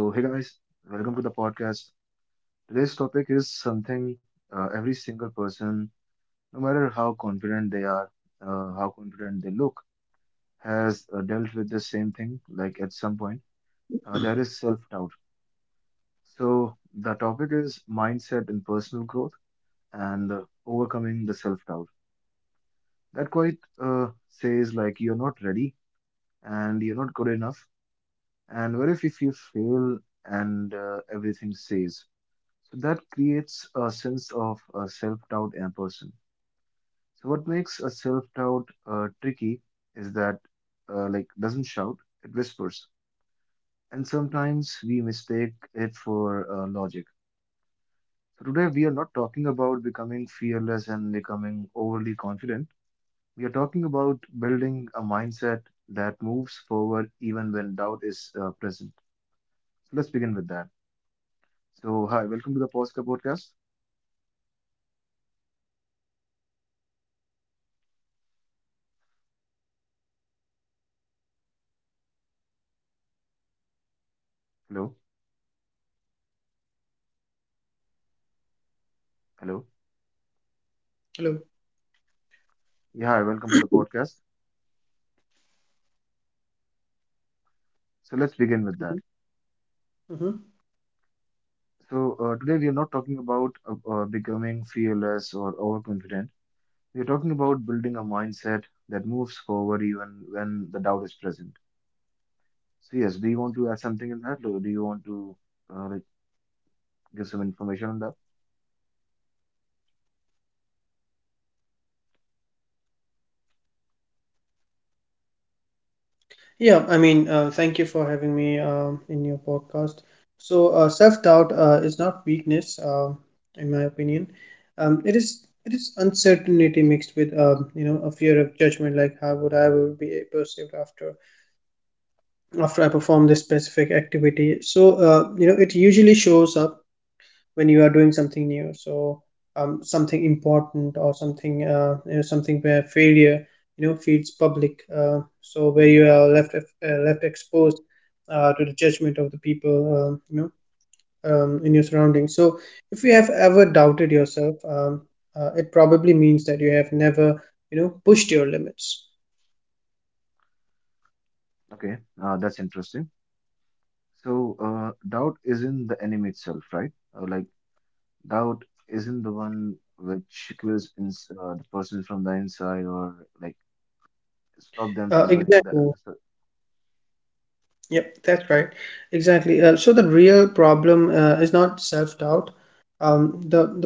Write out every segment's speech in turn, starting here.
So, hey guys, welcome to the podcast. Today's topic is something every single person, no matter how confident they are, how confident they look, has dealt with the same thing, like at some point, that is self doubt. So, the topic is mindset and personal growth and overcoming the self doubt. That quite says, like, you're not ready and you're not good enough. And what if, you fail and everything says? So that creates a sense of self-doubt in a person. So what makes a self-doubt tricky is that like doesn't shout, it whispers. And sometimes we mistake it for logic. So today we are not talking about becoming fearless and becoming overly confident. We are talking about building a mindset that moves forward even when doubt is present. So let's begin with that. So hi, welcome to the Posca podcast. Hello, hello. Yeah, hi, welcome to the podcast. So let's begin with that. Mm-hmm. So, today we are not talking about becoming fearless or overconfident. We are talking about building a mindset that moves forward even when the doubt is present. So yes, do you want to add something in that, or do you want to like give some information on that? Yeah, thank you for having me in your podcast. So, self-doubt is not weakness, in my opinion. It is uncertainty mixed with a fear of judgment, like how would I will be perceived after I perform this specific activity. So, it usually shows up when you are doing something new, so something important or something something where failure feeds public so where you are left left exposed to the judgment of the people in your surroundings. So if you have ever doubted yourself, it probably means that you have never pushed your limits. Okay, that's interesting. So doubt isn't the enemy itself, right? Like doubt isn't the one which kills ins the person from the inside or like stop them from doing the Exactly. Yep, that's right. Exactly. So the real problem is not self-doubt.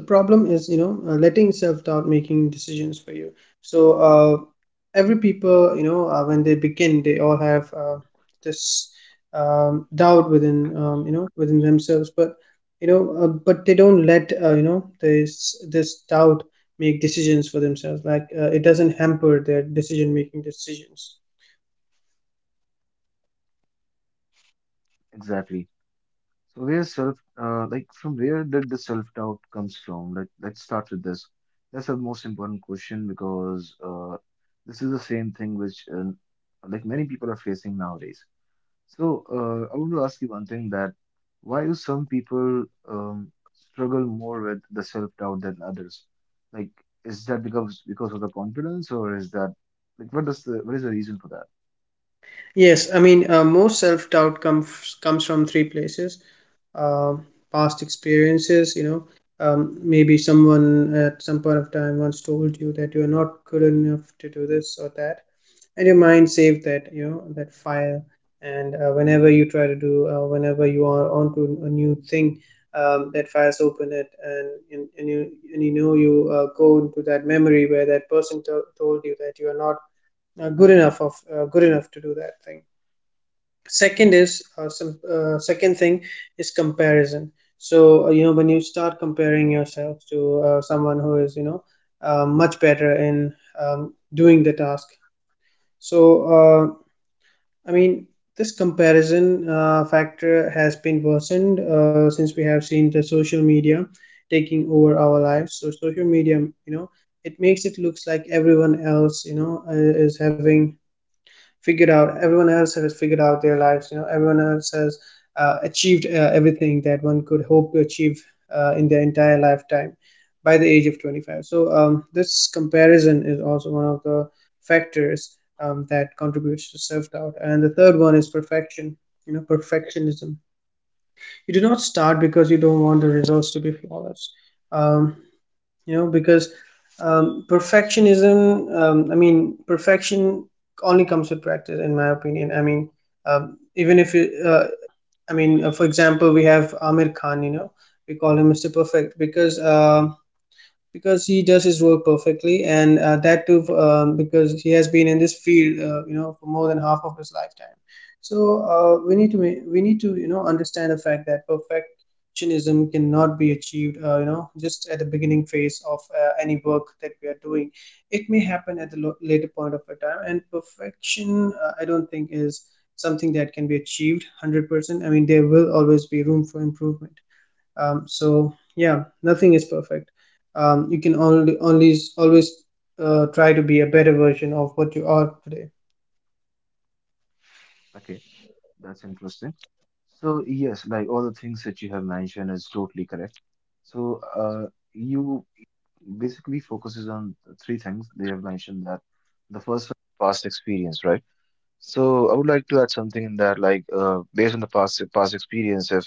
The problem is, you know, letting self-doubt making decisions for you. So, every people, you know, when they begin, they all have this doubt within, within themselves. But you know, but they don't let, this doubt make decisions for themselves. Like it doesn't hamper their decision-making decisions. exactly. So where self, like from where did the self-doubt comes from? Let's start with this. That's the most important question because this is the same thing which like many people are facing nowadays. So I want to ask you one thing that why do some people struggle more with the self-doubt than others? Like, is that because of the confidence or is that like what does the what is the reason for that? Yes, I mean, most self doubt comes from three places: Um past experiences. You know, maybe someone at some point of time once told you that you are not good enough to do this or that, and your mind saved that, you know, that file. And whenever you try to do, whenever you are onto a new thing, that file's open it, and, you and you know you go into that memory where that person told you that you are not uh, good enough to do that thing. Second is some second thing is comparison. So you know, when you start comparing yourself to someone who is, you know, much better in doing the task. So uh, i mean this comparison factor has been worsened since we have seen the social media taking over our lives. So social media, you know, it makes it looks like everyone else, you know, is having figured out everyone else has figured out their lives. You know, everyone else has achieved everything that one could hope to achieve in their entire lifetime by the age of 25. So this comparison is also one of the factors that contributes to self-doubt. And the third one is perfection, you know, perfectionism. You do not start because you don't want the results to be flawless. Um, you know because perfectionism I mean perfection only comes with practice, in my opinion. Even if you for example, we have Amir Khan, you know, we call him Mr. Perfect because he does his role perfectly, and that too because he has been in this field, for more than half of his lifetime. So we need to, you know, understand the fact that perfectionism cannot be achieved, just at the beginning phase of any work that we are doing. It may happen at the later point of a time, and perfection, I don't think is something that can be achieved 100%. I mean, there will always be room for improvement. So yeah, nothing is perfect. You can only always try to be a better version of what you are today. Okay, that's interesting. So yes, like all the things that you have mentioned is totally correct. So, you basically focuses on three things they have mentioned that the first one, past experience, right? So, I would like to add something in that, like, based on the past experience, if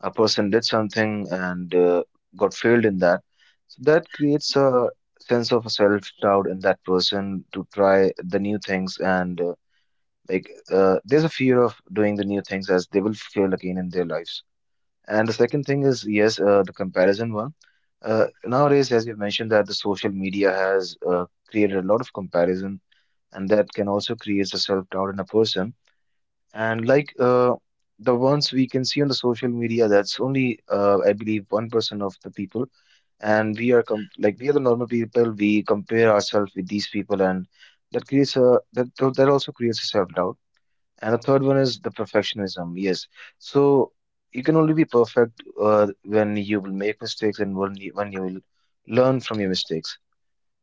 a person did something and got failed in that, so that creates a sense of self-doubt in that person to try the new things and like there's a fear of doing the new things as they will fail again in their lives. And the second thing is, yes, the comparison one. Nowadays, as you mentioned, that the social media has created a lot of comparison, and that can also create a self-doubt in a person. And like the ones we can see on the social media, that's only, I believe, 1% of the people. And we are com like we are the normal people. We compare ourselves with these people, and that creates a that also creates a self-doubt. And the third one is the perfectionism. Yes. So you can only be perfect when you will make mistakes and when you will learn from your mistakes.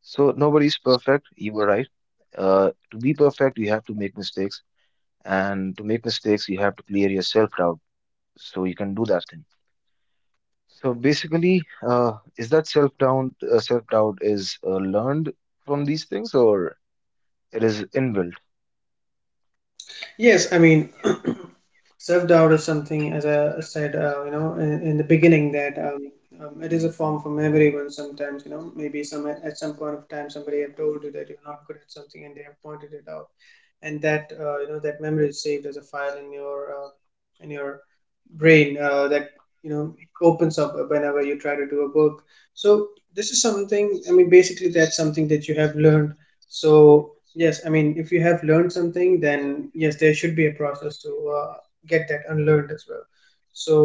So nobody's perfect. You were right. To be perfect, you have to make mistakes. And to make mistakes, you have to clear your self-doubt so you can do that thing. So basically, is that self-doubt is learned from these things or it is inbuilt? Yes, I mean, self-doubt is something, as I said in the beginning, that it is a form from everyone sometimes. You know, maybe some at some point of time, somebody have told you that you're not good at something, and they have pointed it out. And that, you know, that memory is saved as a file in your brain, that, you know, opens up whenever you try to do a work. So this is something, I mean, basically that's something that you have learned. So yes, I mean, if you have learned something, then yes, there should be a process to uh, get that unlearned as well.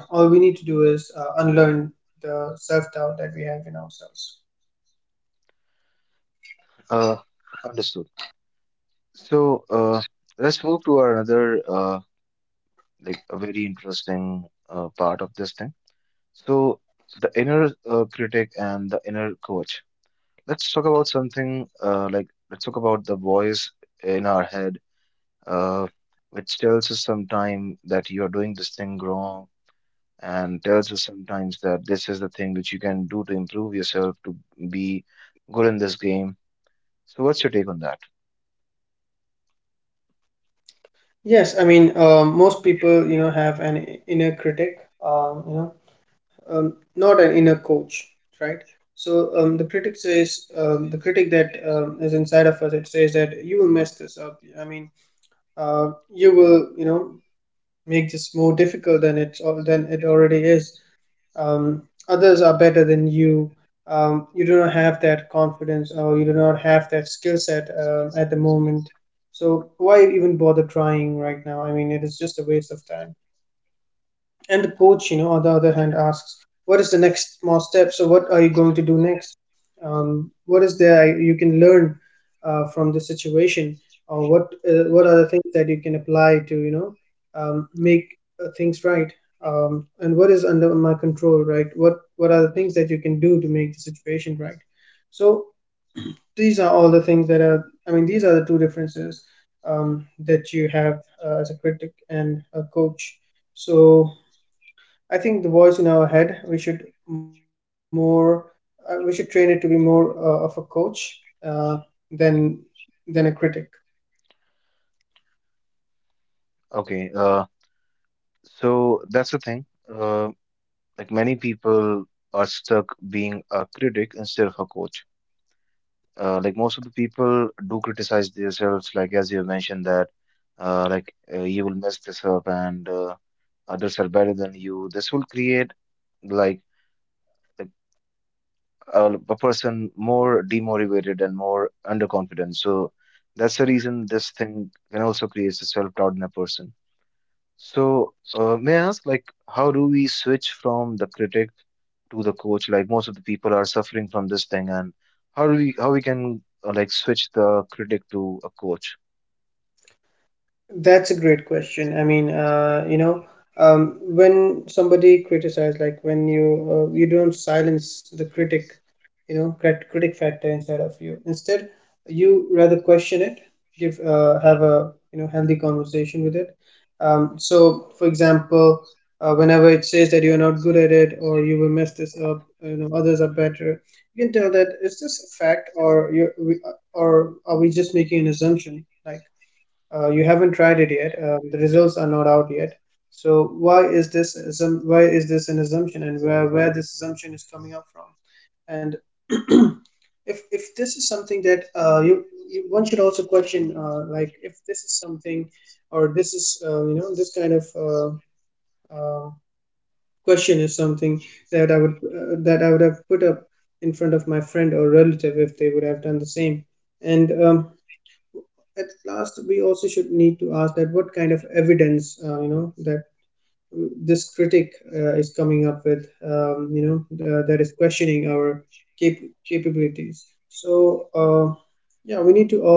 So yeah, all we need to do is unlearn the self-doubt that we have in ourselves. Uh, understood. So let's move to our another. Like a very interesting part of this thing. So the inner critic and the inner coach. Let's talk about something like let's talk about the voice in our head, uh, which tells us sometime that you are doing this thing wrong, and tells us sometimes that this is the thing which you can do to improve yourself to be good in this game. So what's your take on that? Yes, I mean, most people, you know, have an inner critic, um, you know, not an inner coach, right? So the critic says, the critic that is inside of us, it says that you will mess this up. I mean, you will, you know, make this more difficult than it's all than it already is. um, Others are better than you. You do not have that confidence, or you do not have that skill set at the moment. So why even bother trying right now? I mean, it is just a waste of time. And the coach, you know, on the other hand, asks, "What is the next small step? So, what are you going to do next? What is there you can learn from this situation, or what are the things that you can apply to, you know, make things right? And what is under my control, right? What are the things that you can do to make the situation right?" So these are all the things that are. I mean, these are the two differences that you have as a critic and a coach. So I think the voice in our head, we should more, we should train it to be more of a coach uh, than than a critic. Okay, so that's the thing. Uh, like many people are stuck being a critic instead of a coach. Like most of the people do criticize themselves, like as you mentioned that, like you will mess this up and others are better than you. This will create like like a person more demotivated and more underconfident. So that's the reason this thing can also create a self doubt in a person. So, may I ask, like, how do we switch from the critic to the coach? Like, most of the people are suffering from this thing, and how do we how we can like switch the critic to a coach? That's a great question. I mean, when somebody criticizes, like when you you don't silence the critic, you know, critic factor inside of you. Instead, you rather question it, give have a, you know, healthy conversation with it. So, for example, whenever it says that you're not good at it, or you will mess this up, you know, others are better. You can tell, that is this a fact, or are we just making an assumption? Like, you haven't tried it yet. The results are not out yet. So why is this an assumption, and where this assumption is coming up from? And if this is something that you one should also question, like if this is something, or this is you know this kind of uh, question is something that I would have put up in front of my friend or relative if they would have done the same. And at last, we also should need to ask that what kind of evidence, you know, that this critic is coming up with, that is questioning our capabilities. So uh,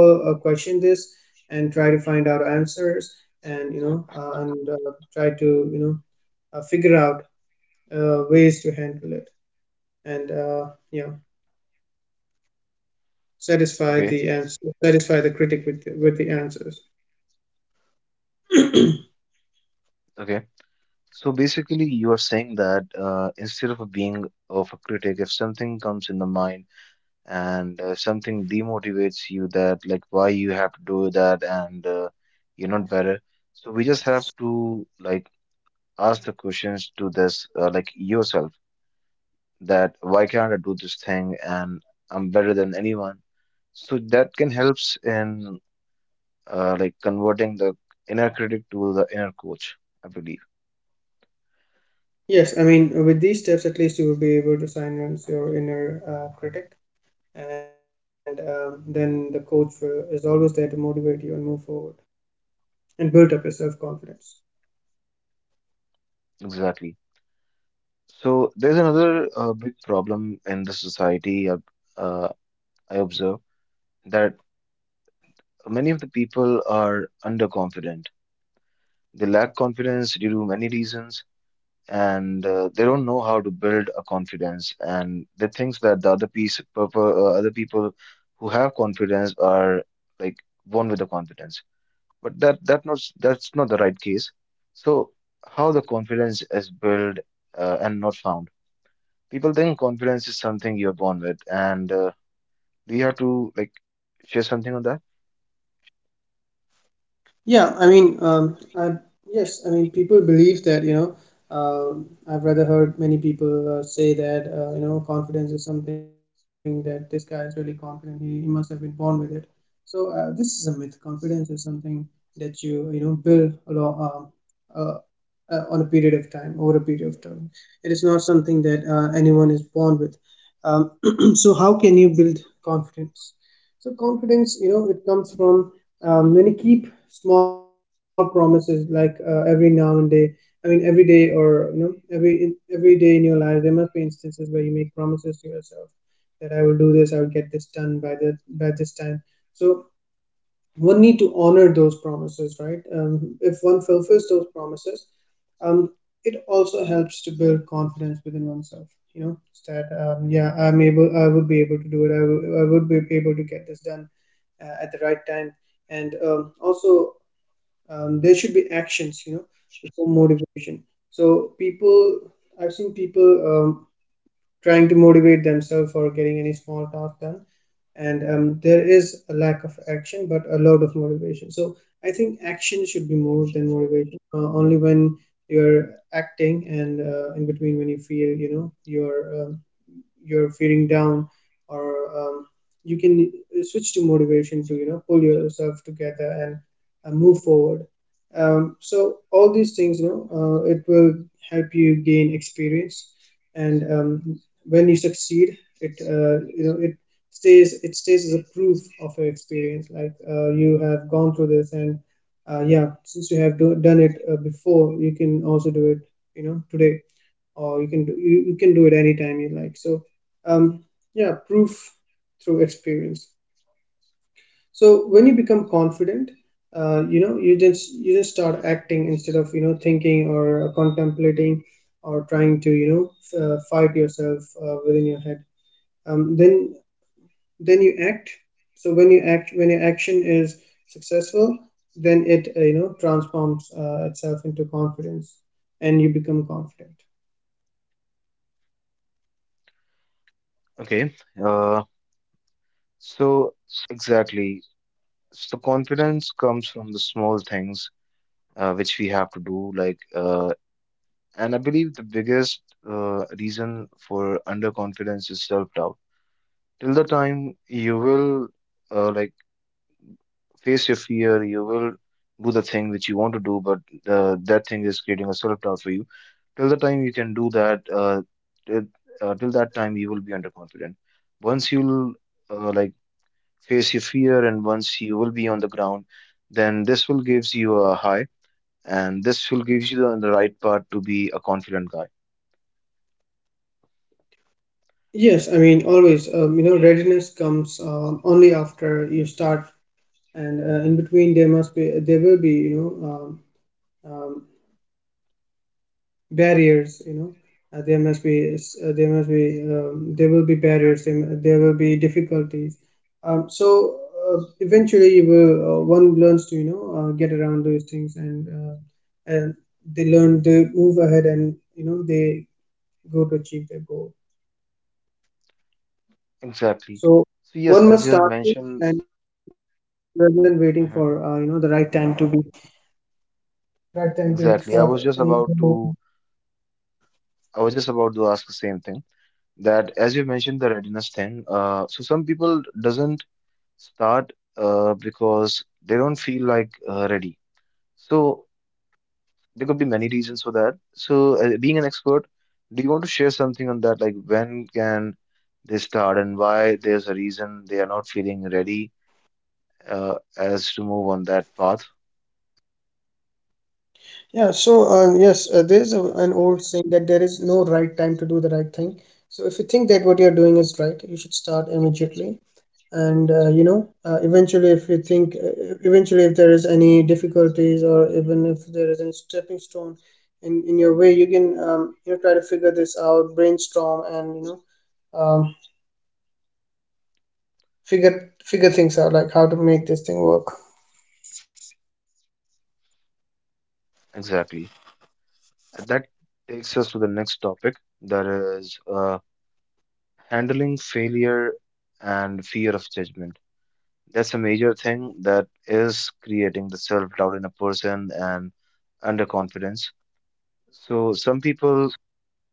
yeah, we need to all question this and try to find out answers. And, you know, and try to, you know, figure out ways to handle it. And uh, yeah Okay, satisfy the critic with with the answers. okay. So basically, you are saying that instead of being of a critic, if something comes in the mind and something demotivates you, that like why you have to do that, and you're not better. So we just have to like ask the questions to this, like yourself, that why can't I do this thing and I'm better than anyone. So that can helps in like converting the inner critic to the inner coach, I believe. Yes, I mean, with these steps, at least you will be able to silence your inner critic, and then the coach will, is always there to motivate you and move forward and build up your self confidence. Exactly. So there's another big problem in the society uh, I observe that many of the people are underconfident. They lack confidence due to many reasons and they don't know how to build a confidence and they think that the other piece purple other people who have confidence are like born with the confidence but that not that's not the right case. So how the confidence is built and not found. People think confidence is something you're born with and do you have to like share something on that. Yeah, I mean, um, I, yes, I mean, people believe that, you know, um, I've rather heard many people say that, confidence is something that this guy is really confident, he must have been born with it. So, this is a myth. Confidence is something that you know, build along. Uh, on a period of time, over a period of time. It is not something that anyone is born with. Um, so, how can you build confidence? So, confidence, you know, it comes from when you keep small promises, like every now and day. I mean, every day, or, you know, every day in your life, there must be instances where you make promises to yourself that I will do this, I will get this done by the by this time. So one need to honor those promises, right? If one fulfills those promises, um, it also helps to build confidence within oneself. You know, it's that, yeah, I'm able, I would be able to do it. I would be able to get this done at the right time. And also, there should be actions. Before motivation. So people, I've seen people trying to motivate themselves for getting any small task done, and there is a lack of action but a lot of motivation. So I think action should be more than motivation. Only when you're acting, and in between, when you feel, you're feeling down, or you can switch to motivation to pull yourself together and move forward. So all these things, it will help you gain experience. And when you succeed, it, it stays as a proof of your experience. You have gone through this, and yeah, since you have done it before, you can also do it today. Or you can you can do it anytime you like. Um yeah, proof through experience. So when you become confident, you just start acting instead of thinking or contemplating, or trying to fight yourself within your head. um, then then you act. So when you act, when your action is successful, then it, transforms itself into confidence, and you become confident. Okay, uh, so exactly. So confidence comes from the small things which we have to do like and I believe the biggest reason for underconfidence is self-doubt. Till the time you will like face your fear you will do the thing which you want to do but that thing is creating a self-doubt for you till the time you can do that till, till that time you will be underconfident. Once you'll like face your fear and once you will be on the ground then this will gives you a high and this will give you the right part to be a confident guy. Yes, I mean, always, readiness comes only after you start, and in between there will be, um, barriers, uh, there must be there will be barriers there. There will be difficulties. So, eventually you will one learns to get around those things, and they move ahead, and they go to achieve their goal. Exactly. So yes as So you have one mentioned. must start it, and rather than waiting for, Mhm. The right time Exactly. To start... any. I was just about to ask the same thing that as you mentioned the readiness thing so some people doesn't start because they don't feel like ready. So there could be many reasons for that. So being an expert, do you want to share something on that, like when can they start and why there's a reason they are not feeling ready as to move on that path. Yeah, so yes, there's an old saying that there is no right time to do the right thing. So if you think that what you're doing is right, you should start immediately. And eventually, if you think, eventually, if there is any difficulties, or even if there is any stepping stone in your way, you can, try to figure this out, brainstorm, and, figure things out, like how to make this thing work. Exactly. And that takes us to the next topic, that is handling failure and fear of judgment. That's a major thing that is creating the self doubt in a person and underconfidence. So, some people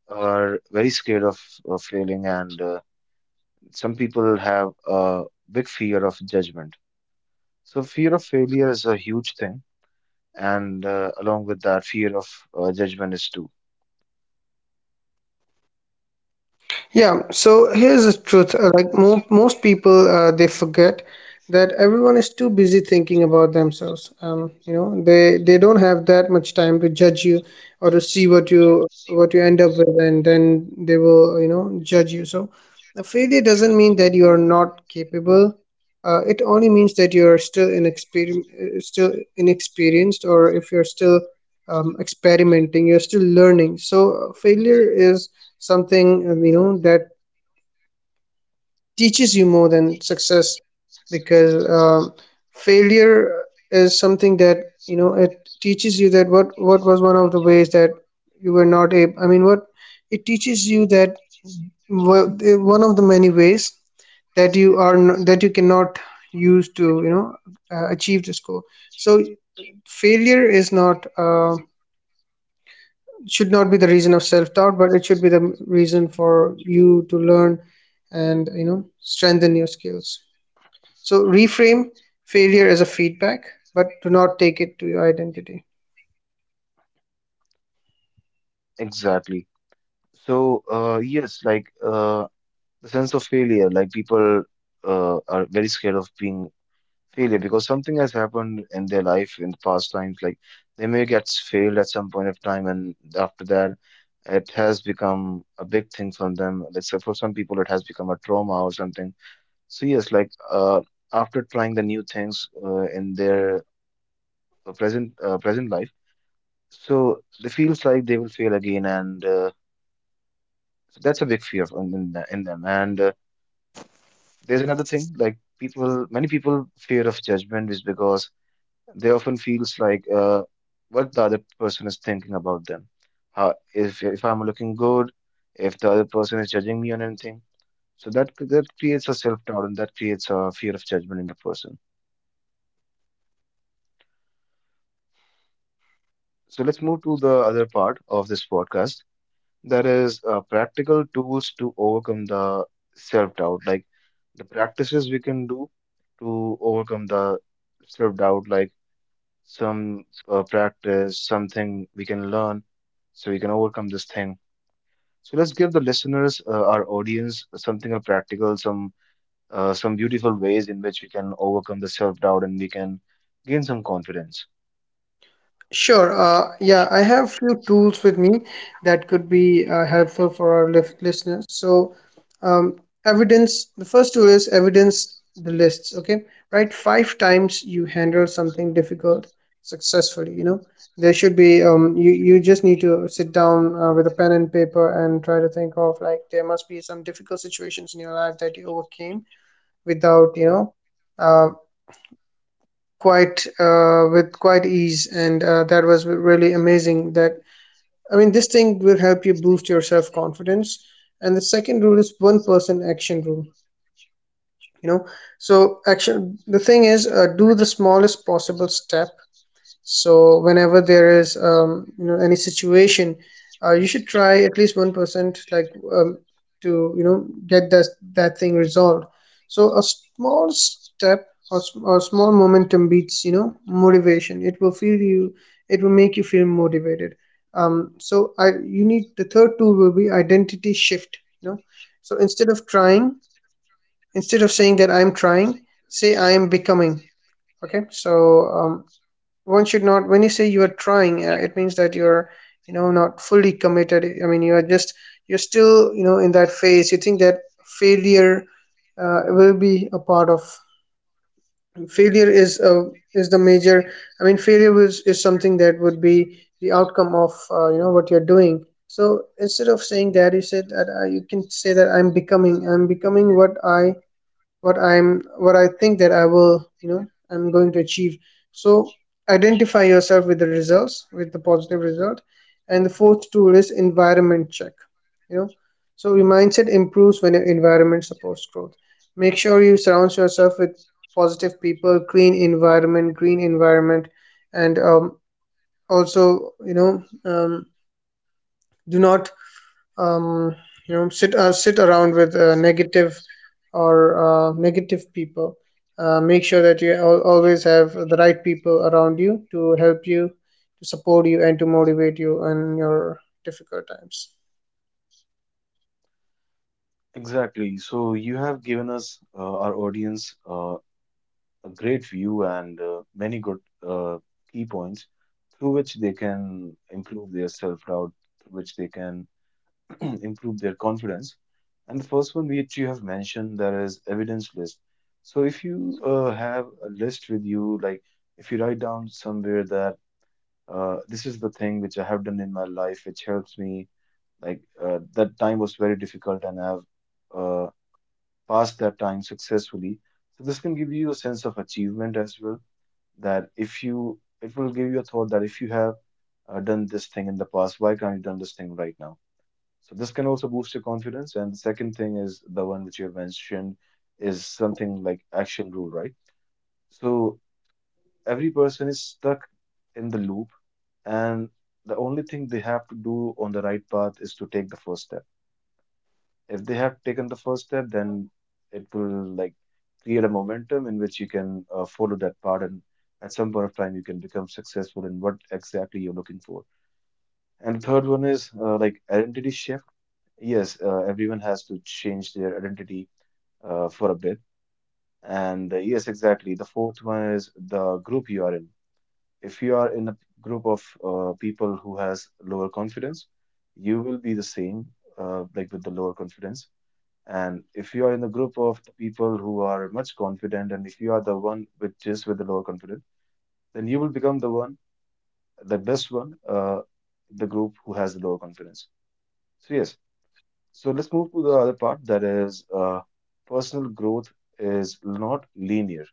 are very scared of failing, and some people have a big fear of judgment. So, fear of failure is a huge thing, and along with that, fear of judgment is too. Yeah, so here's the truth. Like most people, they forget that everyone is too busy thinking about themselves. They don't have that much time to judge you or to see what you end up with, and then they will, judge you. So a failure doesn't mean that you are not capable. It only means that you are still inexperienced, or if you're still experimenting, you're still learning. So, failure is something, that teaches you more than success, because failure is something that, it teaches you that what was one of the ways that you were not able. I mean, what it teaches you that, one of the many ways that that you cannot use to, achieve this goal. So failure is not, it should not be the reason of self doubt, but it should be the reason for you to learn and, strengthen your skills. So reframe failure as a feedback, but do not take it to your identity. Exactly. So, yes, like the sense of failure, like people are very scared of being failure because something has happened in their life in the past times. Like they may get failed at some point of time, and after that, it has become a big thing for them. Let's say for some people, it has become a trauma or something. So yes, like after trying the new things in their present life, so they feels like they will fail again and. So that's a big fear of- in them. And there's another thing, like people, many people fear of judgment is because they often feels like what the other person is thinking about them. How if I'm looking good, if the other person is judging me on anything, so that creates a self doubt and that creates a fear of judgment in the person. So let's move to the other part of this podcast. That is practical tools to overcome the self-doubt, like the practices we can do to overcome the self-doubt, like some practice, something we can learn so we can overcome this thing. So let's give the listeners, our audience, something practical, some beautiful ways in which we can overcome the self-doubt and we can gain some confidence. Sure. Yeah, I have few tools with me that could be helpful for our listeners. So, um, evidence. The first tool is evidence the lists. Okay, right. Five times you handle something difficult successfully. You know, there should be. You just need to sit down with a pen and paper and try to think of, like, there must be some difficult situations in your life that you overcame without, uh quite with quite ease, and that was really amazing. That. I mean, this thing will help you boost your self confidence. And the second rule is one person action rule. You know, so action. The thing is, do the smallest possible step. So whenever there is any situation, you should try at least 1%, like, to get that thing resolved. So a small step, or small momentum beats motivation. It will feel you. It will make you feel motivated. So I you need, the third tool will be identity shift. You know, so instead of trying, instead of saying that I'm trying, say I am becoming. Okay, so, um, one should not. When you say you are trying, it means that you're, not fully committed. I mean, you are just, you're still, in that phase, you think that failure will be a part of, failure is the major. I mean, failure is something that would be the outcome of, what you're doing. So instead of saying that you said that, you can say that I'm becoming, what I what I'm what I think that I will, I'm going to achieve. So identify yourself with the results, with the positive result. And the fourth tool is environment check. You know, so your mindset improves when your environment supports growth. Make sure you surround yourself with positive people, clean environment, green environment. And also, do not, um, sit around with negative, or negative people. Make sure that you always have the right people around you to help you, to support you, and to motivate you in your difficult times. Exactly. So you have given us, our audience, a great view and many good uh, key points through which they can improve their self-doubt, through which they can improve their confidence. And the first one which you have mentioned, that is evidence list. So if you have a list with you, like if you write down somewhere that this is the thing which I have done in my life, which helps me, like that time was very difficult and I've uh, passed that time successfully. So this can give you a sense of achievement as well that if you it will give you a thought that if you have done this thing in the past, why can't you done this thing right now? So this can also boost your confidence. And the second thing is the one which you have mentioned is something like action rule, right? So every person is stuck in the loop, and the only thing they have to do on the right path is to take the first step. If they have taken the first step, then it will like create a momentum in which you can follow that path, and at some point of time, you can become successful in what exactly you're looking for. And the third one is like identity shift. Yes, everyone has to change their identity for a bit. And yes, exactly. The fourth one is the group you are in. If you are in a group of people who has lower confidence, you will be the same, like with the lower confidence. And if you are in the group of people who are much confident, and if you are the one which is with the lower confidence, then you will become the one, the best one, in the group who has the lower confidence. So yes. So let's move to the other part, that is personal growth is not linear.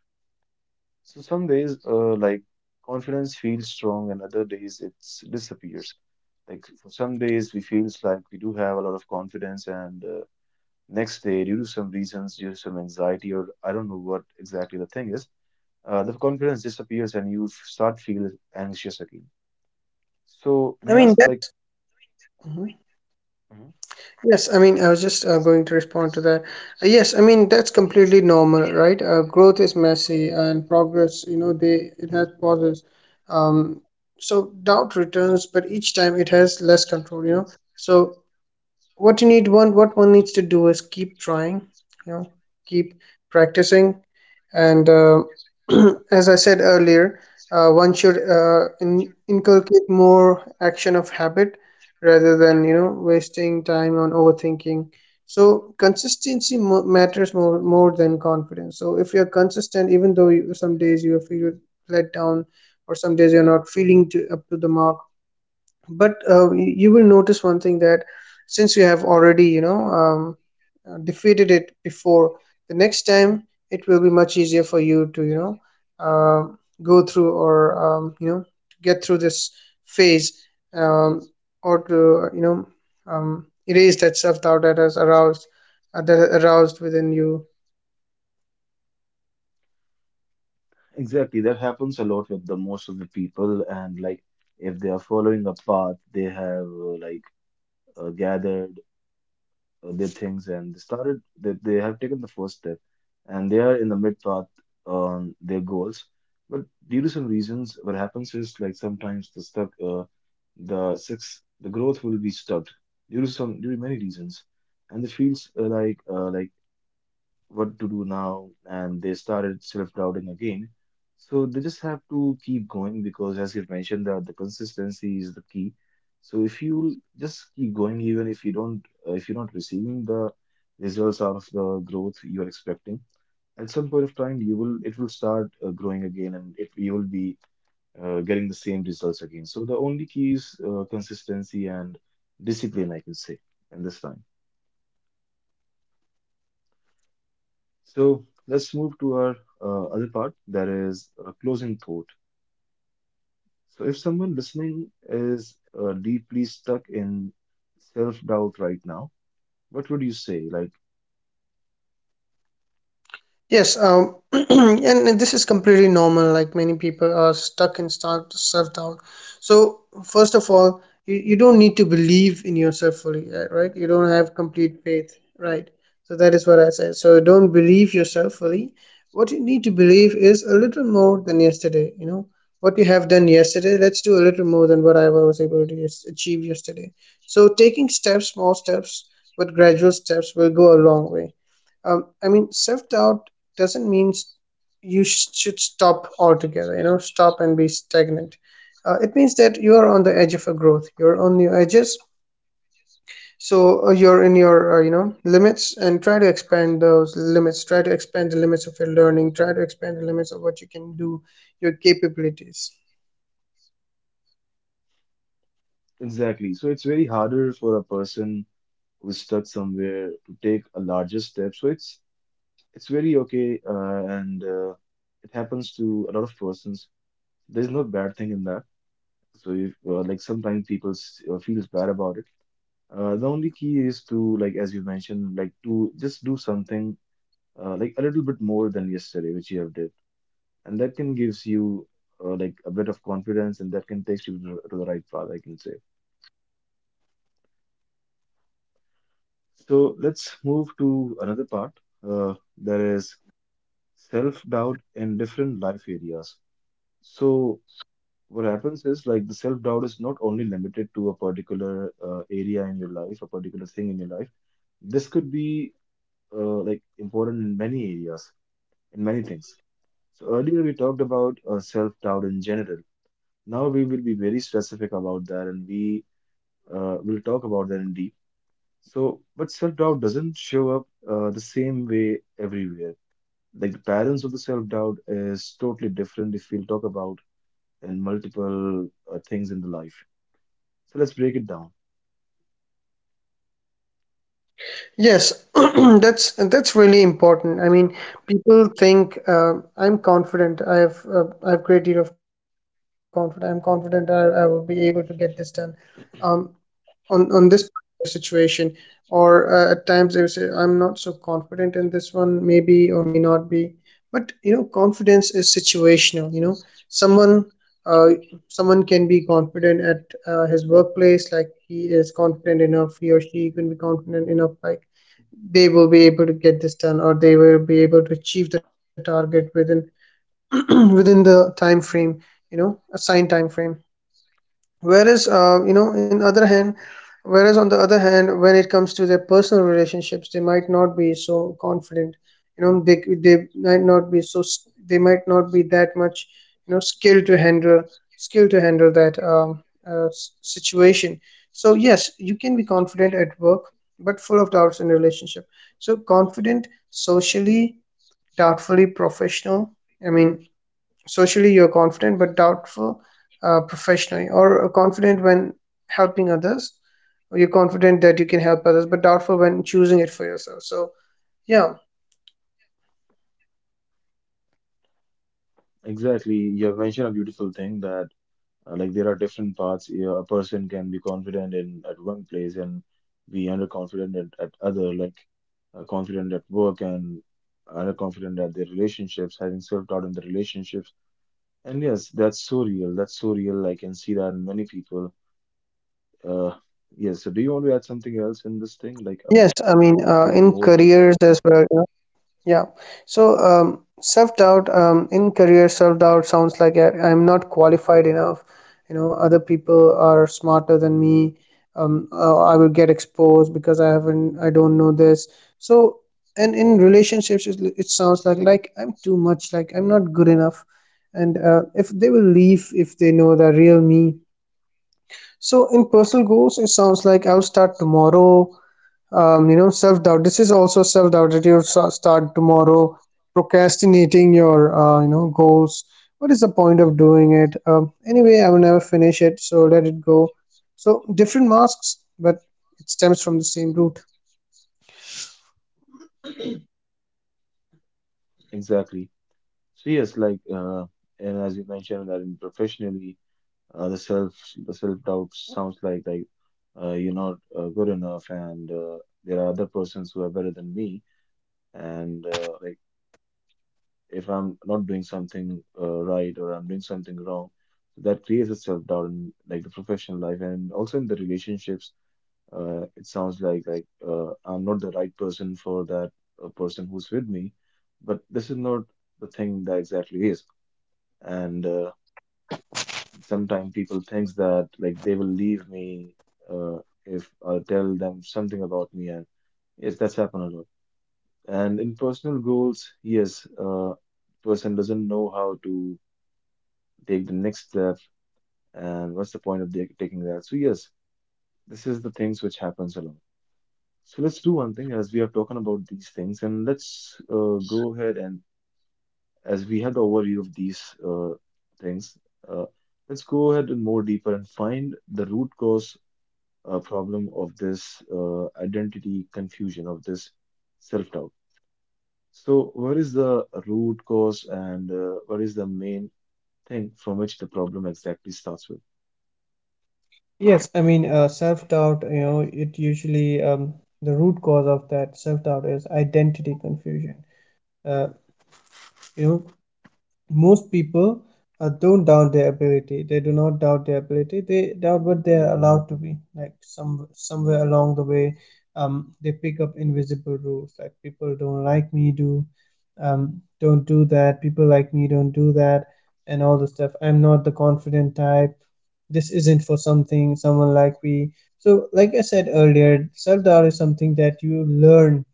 So some days, like confidence feels strong, and other days it disappears. Like for some days, we feels like we do have a lot of confidence. And next day, due to some reasons, due to some anxiety, or I don't know what exactly the thing is, the confidence disappears and you start feel anxious again. So I may I mean, ask, that... like, Mhm. mhm. Yes, I mean, I was just going to respond to that. Yes, I mean, that's completely normal, right? Growth is messy, and progress, you know, they it has pauses. Um, so doubt returns, but each time it has less control, you know. So what you need one what one needs to do is keep trying, you know keep practicing. And as I said earlier, one should, inculcate more action of habit rather than, wasting time on overthinking. So consistency matters more than confidence. So if you're consistent, even though some days you feel let down, or some days you're not feeling to, up to the mark. But you will notice one thing, that since you have already, um, defeated it before, the next time it will be much easier for you to, go through, or um, you know to get through this phase, um, or to, erase that self doubt that has aroused, that aroused within you. Exactly, that happens a lot with the most of the people, and like if they are following a path, they have like gathered their things and they started that they have taken the first step, and they are in the mid path on their goals. But due to some reasons, what happens is like sometimes the stuck the growth will be stopped due to many reasons. And the feels like what to do now, and they started self-doubting again. So they just have to keep going, because as you mentioned that the consistency is the key. So if you just keep going, even if you don't if you're not receiving the results out of the growth you are expecting, at some point of time you will it will start growing again and it you will be getting the same results again. So the only key is consistency and discipline, I can say, in this time. So let's move to our other part, that is a closing thought. So if someone listening is deeply stuck in self-doubt right now, what would you say? Like Yes, and this is completely normal. Like many people are stuck in start self doubt. So first of all, you don't need to believe in yourself fully, right? You don't have complete faith, right? So that is what I said. So don't believe yourself fully. What you need to believe is a little more than yesterday. You know what you have done yesterday. Let's do a little more than what I was able to achieve yesterday. So taking steps, small steps, but gradual steps will go a long way. I mean, shift out doesn't mean you should stop altogether, you know, stop and be stagnant. It means that you are on the edge of a growth, you're on your edges. So you're in your, limits, and try to expand those limits, try to expand the limits of your learning, try to expand the limits of what you can do, your capabilities. exactly. So it's very harder for a person who's stuck somewhere to take a larger step. So it's very okay, and it happens to a lot of persons. There's no bad thing in that. So if like sometimes people feels bad about it. The only key is to, like as you mentioned, like to just do something like a little bit more than yesterday, which you have did, and that can gives you like a bit of confidence, and that can take you to the right path, I can say. So let's move to another part. There is self-doubt in different life areas. So what happens is like the self-doubt is not only limited to a particular area in your life, a particular thing in your life. This could be like important in many areas, in many things. So earlier we talked about self-doubt in general. Now we will be very specific about that, and we will talk about that in deep. So, but self-doubt doesn't show up the same way everywhere. Like the patterns of the self-doubt is totally different if we'll talk about in multiple things in the life. So let's break it down. Yes, that's really important. I mean, people think, I'm confident. I have I have great deal of confidence. I'm confident, I will be able to get this done. Um, on this situation, or at times they will say, I'm not so confident in this one, maybe or may not be. But you know, confidence is situational. You know, someone uh, someone can be confident at his workplace, like he is confident enough. He or she can be confident enough, like they will be able to get this done, or they will be able to achieve the target within within the time frame you know assigned time frame, whereas uh, you know in other hand whereas on the other hand, when it comes to their personal relationships, they might not be so confident. You know, they might not be that much you know skill to handle skill to handle that situation. So yes, you can be confident at work but full of doubts in relationship, so confident socially, doubtfully professional. I mean, socially, you're confident but doubtful professionally, or confident when helping others, or you're confident that you can help others but doubtful when choosing it for yourself. So, yeah. Exactly, you have mentioned a beautiful thing that like there are different parts. You know, a person can be confident in at one place and be underconfident at other, like confident at work and underconfident at their relationships, having self-doubt in the relationships. And yes, that's so real. That's so real. I can see that in many people. Uh, yes. So do you want to add something else in this thing? Like, Yes, I mean, let's give a in more deeper. careers as well. Yeah. So, self-doubt, in career, self-doubt sounds like I'm not qualified enough. You know, other people are smarter than me. I will get exposed because I haven't, I don't know this. So, and in relationships, it sounds like I'm too much, like I'm not good enough. And if they will leave if they know the real me. So, in personal goals, it sounds like, "I'll start tomorrow." Self doubt, this is also self doubt, that you start tomorrow, procrastinating your goals. What is the point of doing it, anyway? I will never finish it, so let it go. So different masks, but it stems from the same root. Exactly. So yes, like and as you mentioned that in professionally uh, the self the self doubt sounds like you're not good enough, and there are other persons who are better than me, and like if I'm not doing something right or I'm doing something wrong, so that creates a self doubt in like the professional life. And also in the relationships, it sounds like I'm not the right person for that person who's with me. But this is not the thing that exactly is. And sometimes people thinks that like they will leave me uh, if I tell them something about me, and yes, that's happened a lot. And in personal goals, yes, person doesn't know how to take the next step, and what's the point of taking that? So yes, this is the things which happens a lot. So let's do one thing. As we are talking about these things, and let's go ahead. And as we have the overview of these things, uh, let's go ahead and more deeper and find the root cause problem of this identity confusion, of this self-doubt. So, what is the root cause, and what is the main thing from which the problem exactly starts with? Yes, I mean, self-doubt, you know, it usually, the root cause of that self-doubt is identity confusion. Uh, you know, most people don't doubt their ability, they do not doubt their ability. They doubt what they are allowed to be, like somewhere along the way, they pick up invisible rules, like, people don't like me do, don't do that, people like me don't do that. And all the stuff, I'm not the confident type, this isn't for something someone like me. So, like I said earlier, self-doubt is something that you learn,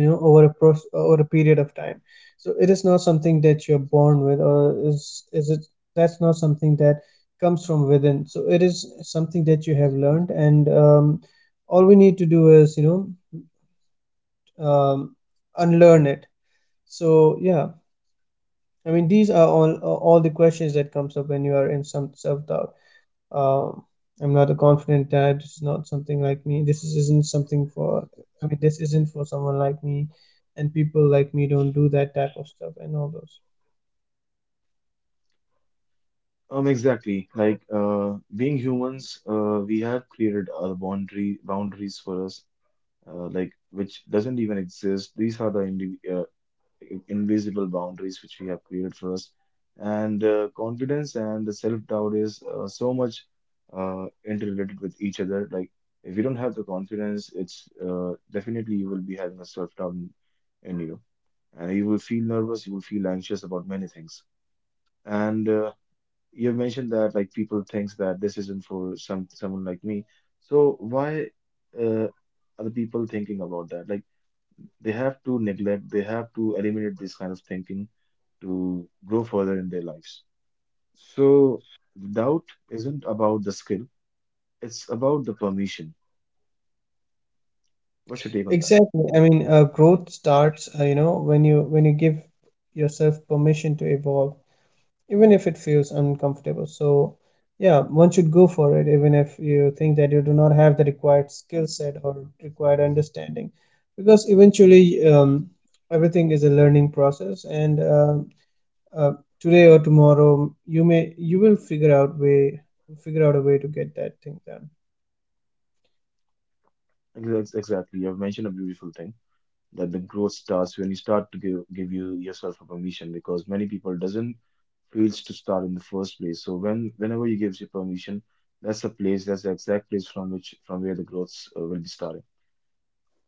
you know, over a over a period of time. So it is not something that you're born with, or is it? That's not something that comes from within. So it is something that you have learned, and all we need to do is, you know, um, unlearn it. So yeah, I mean, these are all the questions that comes up when you are in some self doubt. um, I'm not a confident dad. It's not something like me. This isn't something for. I mean, this isn't for someone like me, and people like me don't do that type of stuff, and all those. Exactly. Like being humans, we have created our boundary boundaries for us, like which doesn't even exist. These are the invisible boundaries which we have created for us. And confidence and the self-doubt is so much interrelated with each other. Like if you don't have the confidence, it's definitely you will be having a self-doubt in you, and you will feel nervous. You will feel anxious about many things. And you have mentioned that like people thinks that this isn't for someone like me. So why uh, are the people thinking about that? Like they have to neglect, they have to eliminate this kind of thinking to grow further in their lives. So the doubt isn't about the skill, it's about the permission. What's your take on that? Exactly. I mean, growth starts. You know, when you give yourself permission to evolve, even if it feels uncomfortable. So yeah, one should go for it, even if you think that you do not have the required skill set or required understanding, because eventually, everything is a learning process. And uh, today or tomorrow, you will figure out a way to get that thing done. Exactly. You've mentioned a beautiful thing that the growth starts when you start to give, give you yourself a permission, because many people doesn't feels to start in the first place. So when whenever you gives you permission, that's the place, that's the exact place from which from where the growth will be starting.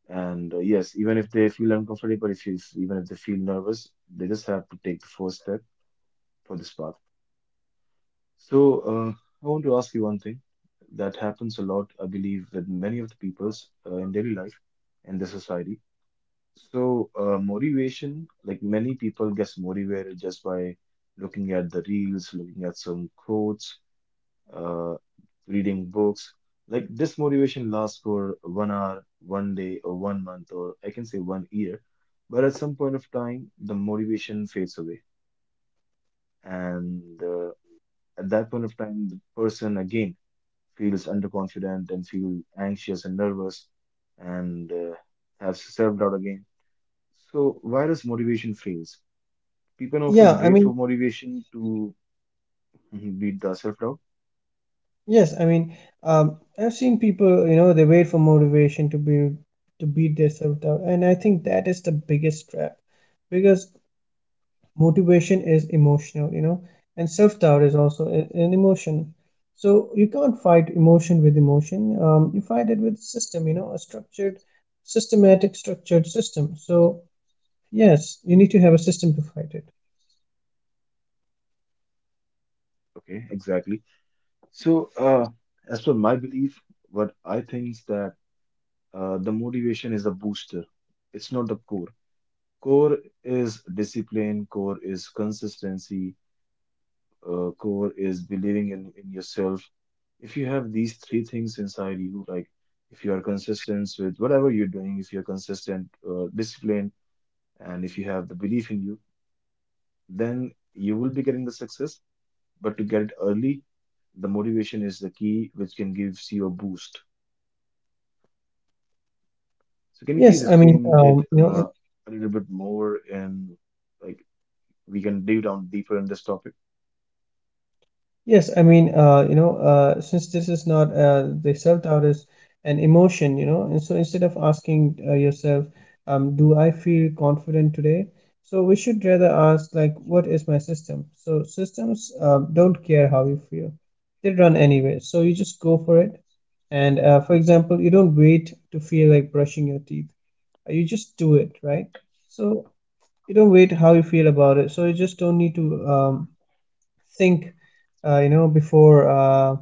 And yes, even if they feel uncomfortable, if you, even if they feel nervous, they just have to take the first step for this path. So, I want to ask you one thing that happens a lot, I believe, with many of the peoples in daily life and the society. So, motivation, like many people gets motivated just by looking at the reels, looking at some quotes, uh, reading books. Like this motivation lasts for one hour, one day, or one month, or I can say one year. But at some point of time, the motivation fades away, and at that point of time, the person again feels underconfident and feel anxious and nervous, and have self-doubt again. So why does motivation fails? People often Yeah, I wait for mean. motivation to mhm, beat the self-doubt. Yes, I mean, I've seen people, you know, they wait for motivation to build, to beat themselves down, and I think that is the biggest trap, because motivation is emotional, you know, and self-doubt is also an emotion. So you can't fight emotion with emotion. You fight it with system, you know, a structured systematic structured system. So yes, you need to have a system to fight it. Okay, exactly. So as per my belief, what I think is that the motivation is a booster. It's not the core. Core is discipline. Core is consistency, core is believing in yourself. If you have these three things inside you, like if you are consistent with whatever you're doing, if you're consistent, disciplined, and if you have the belief in you, then you will be getting the success. But to get it early, the motivation is the key, which can give you a boost. So can you please Yes, I mean, explain it a little bit more and like we can dig down deeper in this topic? yes, I mean, you know, since this is not, the self-doubt is an emotion, you know. And so, instead of asking yourself, do I feel confident today? So we should rather ask, like, what is my system? So systems don't care how you feel; they run anyway. So you just go for it. And for example, you don't wait to feel like brushing your teeth. You just do it, right? So you don't wait how you feel about it. So you just don't need to, think, before, uh,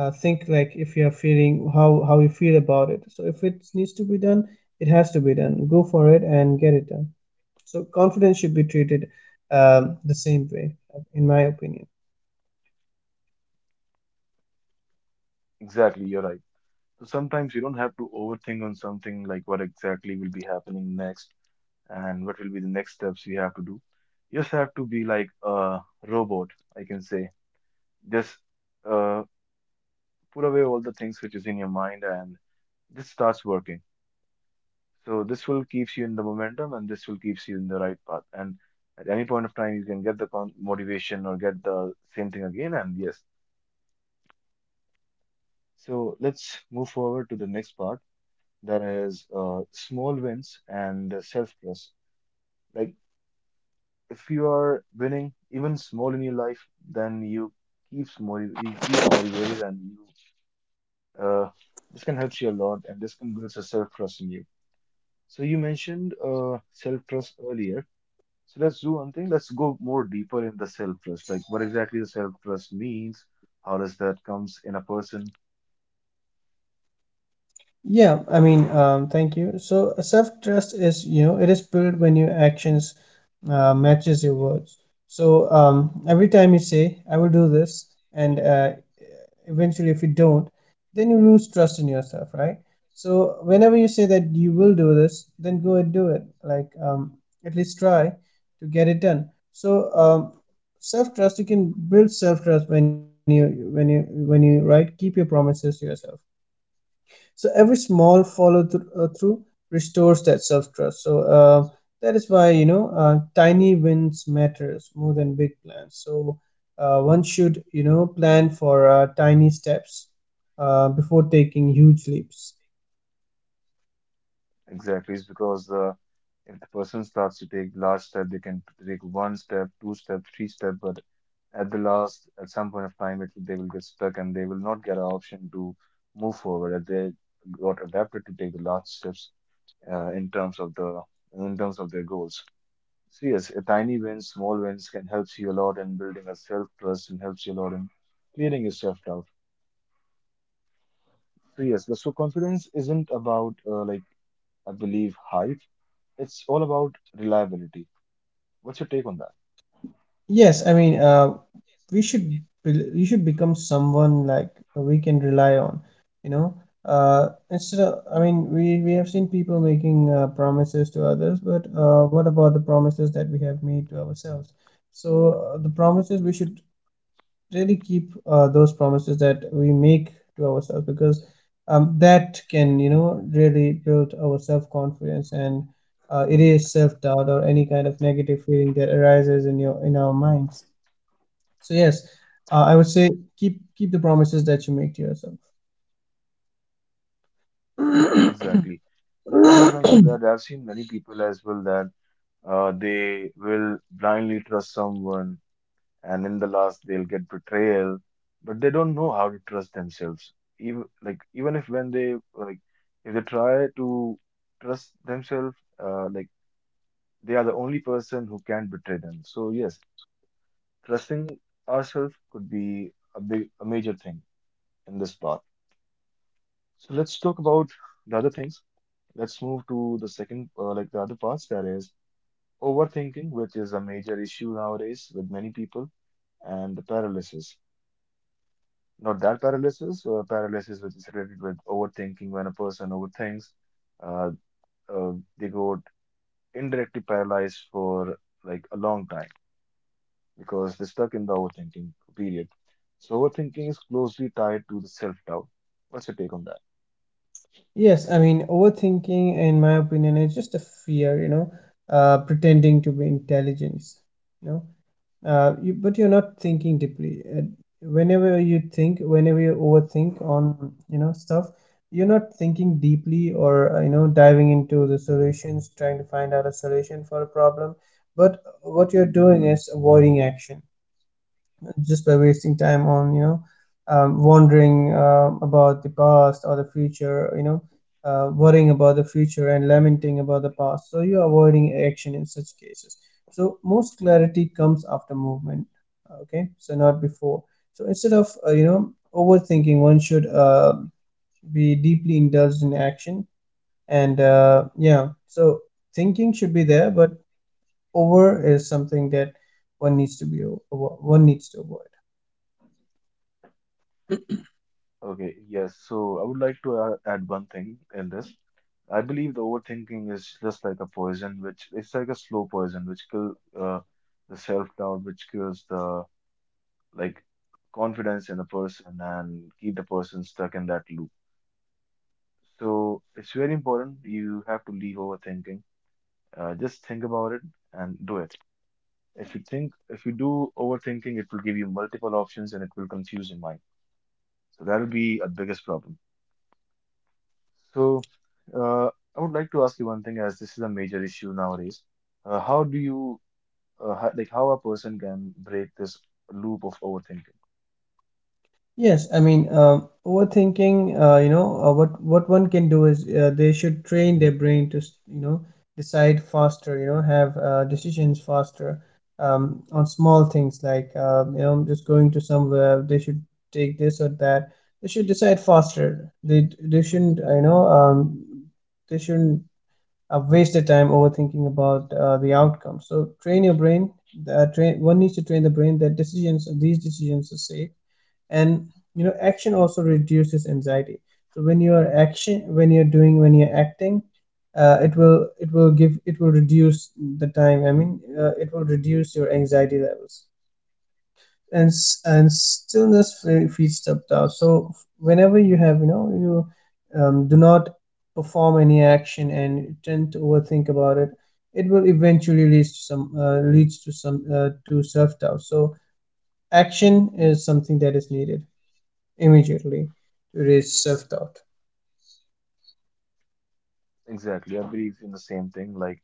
uh, think, like, if you are feeling how you feel about it. So if it needs to be done, it has to be done. Go for it and get it done. So confidence should be treated, the same way, in my opinion. Exactly, you're right. So sometimes you don't have to overthink on something like what exactly will be happening next and what will be the next steps you have to do. You just have to be like a robot, I can say. Just uh, put away all the things which is in your mind and this starts working. So this will keeps you in the momentum and this will keeps you in the right path. And at any point of time, you can get the con motivation or get the same thing again. And yes, so let's move forward to the next part. That is small wins and self-trust. Like if you are winning even small in your life, then you keeps motiv you keeps motivated and you uh this can help you a lot and this can build a self-trust in you. So you mentioned self-trust earlier. So let's do one thing. Let's go more deeper in the self-trust. Like what exactly the self-trust means, how does that comes in a person Yeah, I mean, thank you. So self-trust is, you know, it is built when your actions matches your words. So every time you say, "I will do this," and eventually, if you don't, then you lose trust in yourself, right? So whenever you say that you will do this, then go and do it. Like, at least try to get it done. So self-trust, you can build self-trust when you right, keep your promises to yourself. So every small follow through restores that self trust. So that is why, you know, tiny wins matters more than big plans. So one should, plan for tiny steps before taking huge leaps. exactly? Is because the if the person starts to take large step, they can take one step, two step, three step, but at the last, at some point of time, they will get stuck and they will not get an option to move forward. That they got adapted to take the large steps uh, in terms of the in terms of their goals. So yes, a tiny wins, small wins can help you a lot in building a self trust and helps you a lot in clearing yourself out. So yes, so confidence isn't about like I believe hype. It's all about reliability. What's your take on that? Yes, I mean, we should, we should become someone like, we can rely on, you know. Instead of, I mean, we have seen people making promises to others, but what about the promises that we have made to ourselves? So the promises we should really keep, those promises that we make to ourselves, because that can, you know, really build our self-confidence and erase self-doubt or any kind of negative feeling that arises in our minds. So yes, I would say, keep the promises that you make to yourself. Exactly. Like you have mentioned that I've seen many people as well that they will blindly trust someone and in the last they'll get betrayal, but they don't know how to trust themselves, even like even if when they like if they try to trust themselves, like they are the only person who can betray them. So yes, trusting ourselves could be a big a major thing in this part. So let's talk about the other things. Let's move to the second like the other parts, that is overthinking, which is a major issue nowadays with many people, and the paralysis. Not that paralysis, paralysis which is related with overthinking. When a person overthinks, uh, uh, they go indirectly paralyzed for like a long time because they're stuck in the overthinking period. So overthinking is closely tied to the self-doubt. What's your take on that? Yes, I mean, overthinking, in my opinion, is just a fear. You know, pretending to be intelligence. You know, but you're not thinking deeply. Whenever you think, whenever you overthink on, stuff, you're not thinking deeply, or diving into the solutions, trying to find out a solution for a problem. But what you're doing is avoiding action, just by wasting time on, wondering, about the past or the future, worrying about the future and lamenting about the past. So you're avoiding action in such cases. So most clarity comes after movement. Okay, so not before. So instead of, overthinking, one should, be deeply indulged in action. And yeah, so thinking should be there, but over is something that one needs to be one needs to avoid. Okay, yes. So I would like to add one thing in this. I believe the overthinking is just like a poison, which it's like a slow poison, which kill the self-doubt, which kills the like confidence in the person and keep the person stuck in that loop. So it's very important. You have to leave overthinking. Just think about it and do it. If you think, if you do overthinking, it will give you multiple options and it will confuse your mind. So that will be a biggest problem. So uh, I would like to ask you one thing, as this is a major issue nowadays. How do you how, like how a person can break this loop of overthinking? Yes, I mean, overthinking, what one can do is, they should train their brain to, decide faster, you know, have decisions faster, on small things, like, just going to somewhere, they should take this or that. They should decide faster. They shouldn't, they shouldn't waste their time overthinking about the outcome. So train your brain. Train one needs to train the brain that these decisions are safe, and you know, action also reduces anxiety. So when you are action when you're doing when you're acting, it will reduce the time. I mean, it will reduce your anxiety levels. And and stillness feeds subtle. So whenever you have, you, do not perform any action and you tend to overthink about it, it will eventually leads to some to self doubt. So action is something that is needed immediately to erase self-doubt. Exactly, I believe in the same thing. Like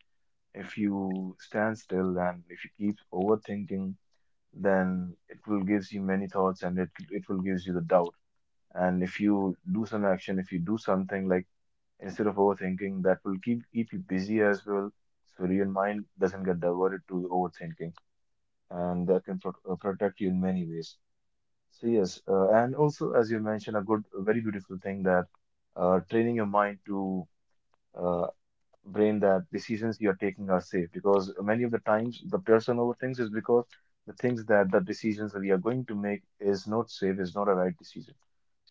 if you stand still and if you keep overthinking, then it will gives you many thoughts and it will gives you the doubt. And if you do some action, if you do something like instead of overthinking, that will keep you busy as well, so your mind doesn't get diverted to overthinking, and that can protect you in many ways. So yes, and also as you mentioned, a good, a very beautiful thing that training your mind to uh, brain that decisions you're taking are safe, because many of the times the person overthinks is because the things that the decisions that we are going to make is not safe, is not a right decision.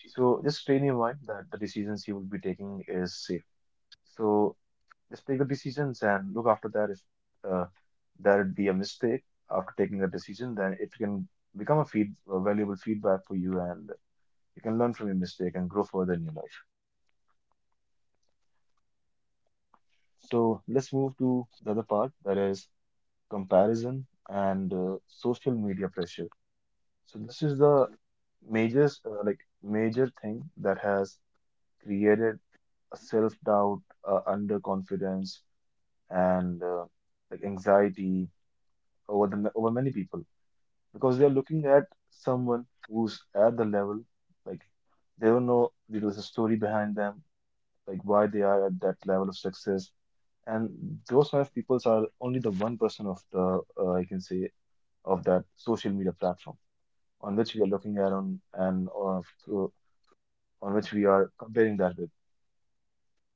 So just train your mind that the decisions you will be taking is safe. So just take the decisions and look after that. If uh, there would be a mistake after taking the decision, then it can become a valuable feedback for you, and you can learn from your mistake and grow further in your life. So let's move to the other part, that is comparison, and social media pressure. So this is the major, like major thing that has created a self-doubt, underconfidence, and like anxiety over the over many people, because they are looking at someone who's at the level, like they don't know there is a story behind them, like why they are at that level of success. And those kind of peoples are only the 1% of the I can say of that social media platform on which we are looking at on and or to, on which we are comparing that with.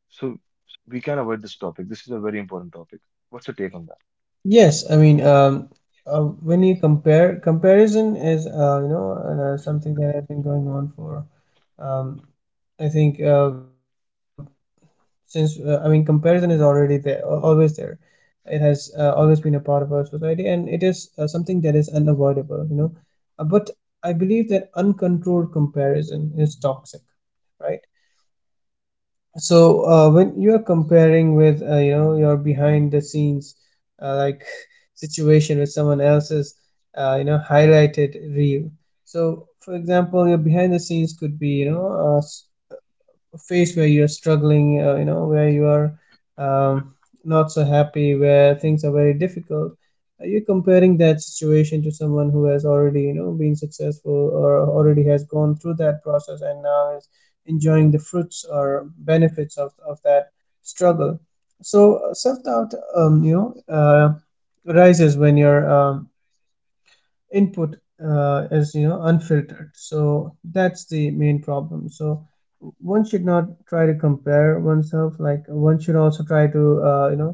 So we can avoid this topic. This is a very important topic. What's your take on that? Yes, I mean, uh, when you compare comparison is, something that has been going on for, um, I think, since, I mean, comparison is already there, always there. It has always been a part of our society, and it is something that is unavoidable, you know. But I believe that uncontrolled comparison is toxic, right? So, when you are comparing with, your behind the scenes, like, situation with someone else's, highlighted reel. So, for example, your behind the scenes could be, you know, uh, s- phase where you're struggling, where you are, um, not so happy, where things are very difficult, you're comparing that situation to someone who has already, you know, been successful or already has gone through that process and now is enjoying the fruits or benefits of that struggle. So self doubt, rises when you're input is, you know, unfiltered. So that's the main problem. So one should not try to compare oneself. Like one should also try to you know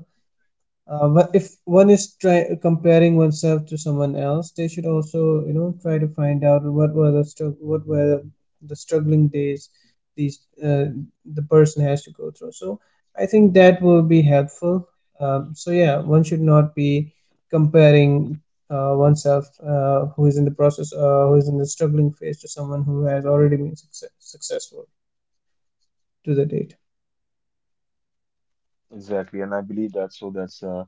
But if one is try comparing oneself to someone else, they should also, you know, try to find out what were the struggling days these uh, the person has to go through. So I think that will be helpful. So yeah, one should not be comparing oneself, who is in the process, who is in the struggling phase, to someone who has already been successful to the date. Exactly, and I believe that so that's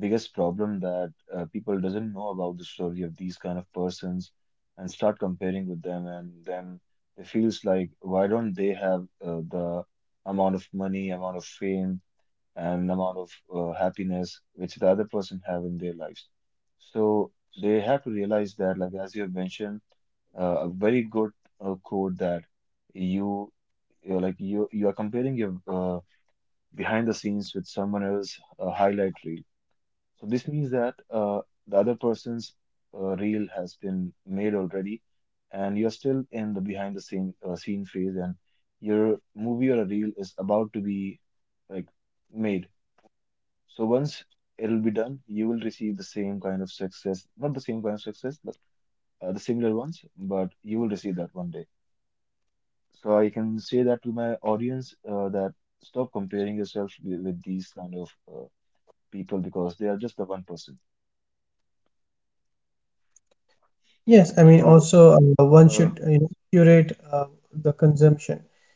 biggest problem that people doesn't know about the story of these kind of persons and start comparing with them, and then they feels like why don't they have the amount of money, amount of fame, and amount of happiness which the other person have in their lives. So they have to realize that, like as you have mentioned, a very good quote that you you are comparing your behind the scenes with someone else's highlight reel. So this means that the other person's reel has been made already, and you're still in the behind the scene phase, and your movie or a reel is about to be like made. So once it'll be done, you will receive the same kind of success, not the same kind of success, but the similar ones, but you will receive that one day. So I can say that to my audience that stop comparing yourself with these kind of people, because they are just the one person. Yes, I mean, So also one should, uh, curate the consumption.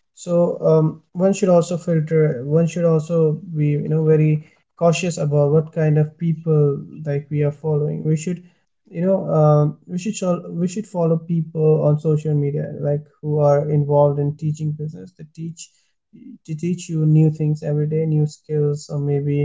So one should also filter. One should also be, you know, very cautious about what kind of people like we are following. We should, we should follow people on social media like who are involved in teaching business. They teach you new things every day, new skills, or maybe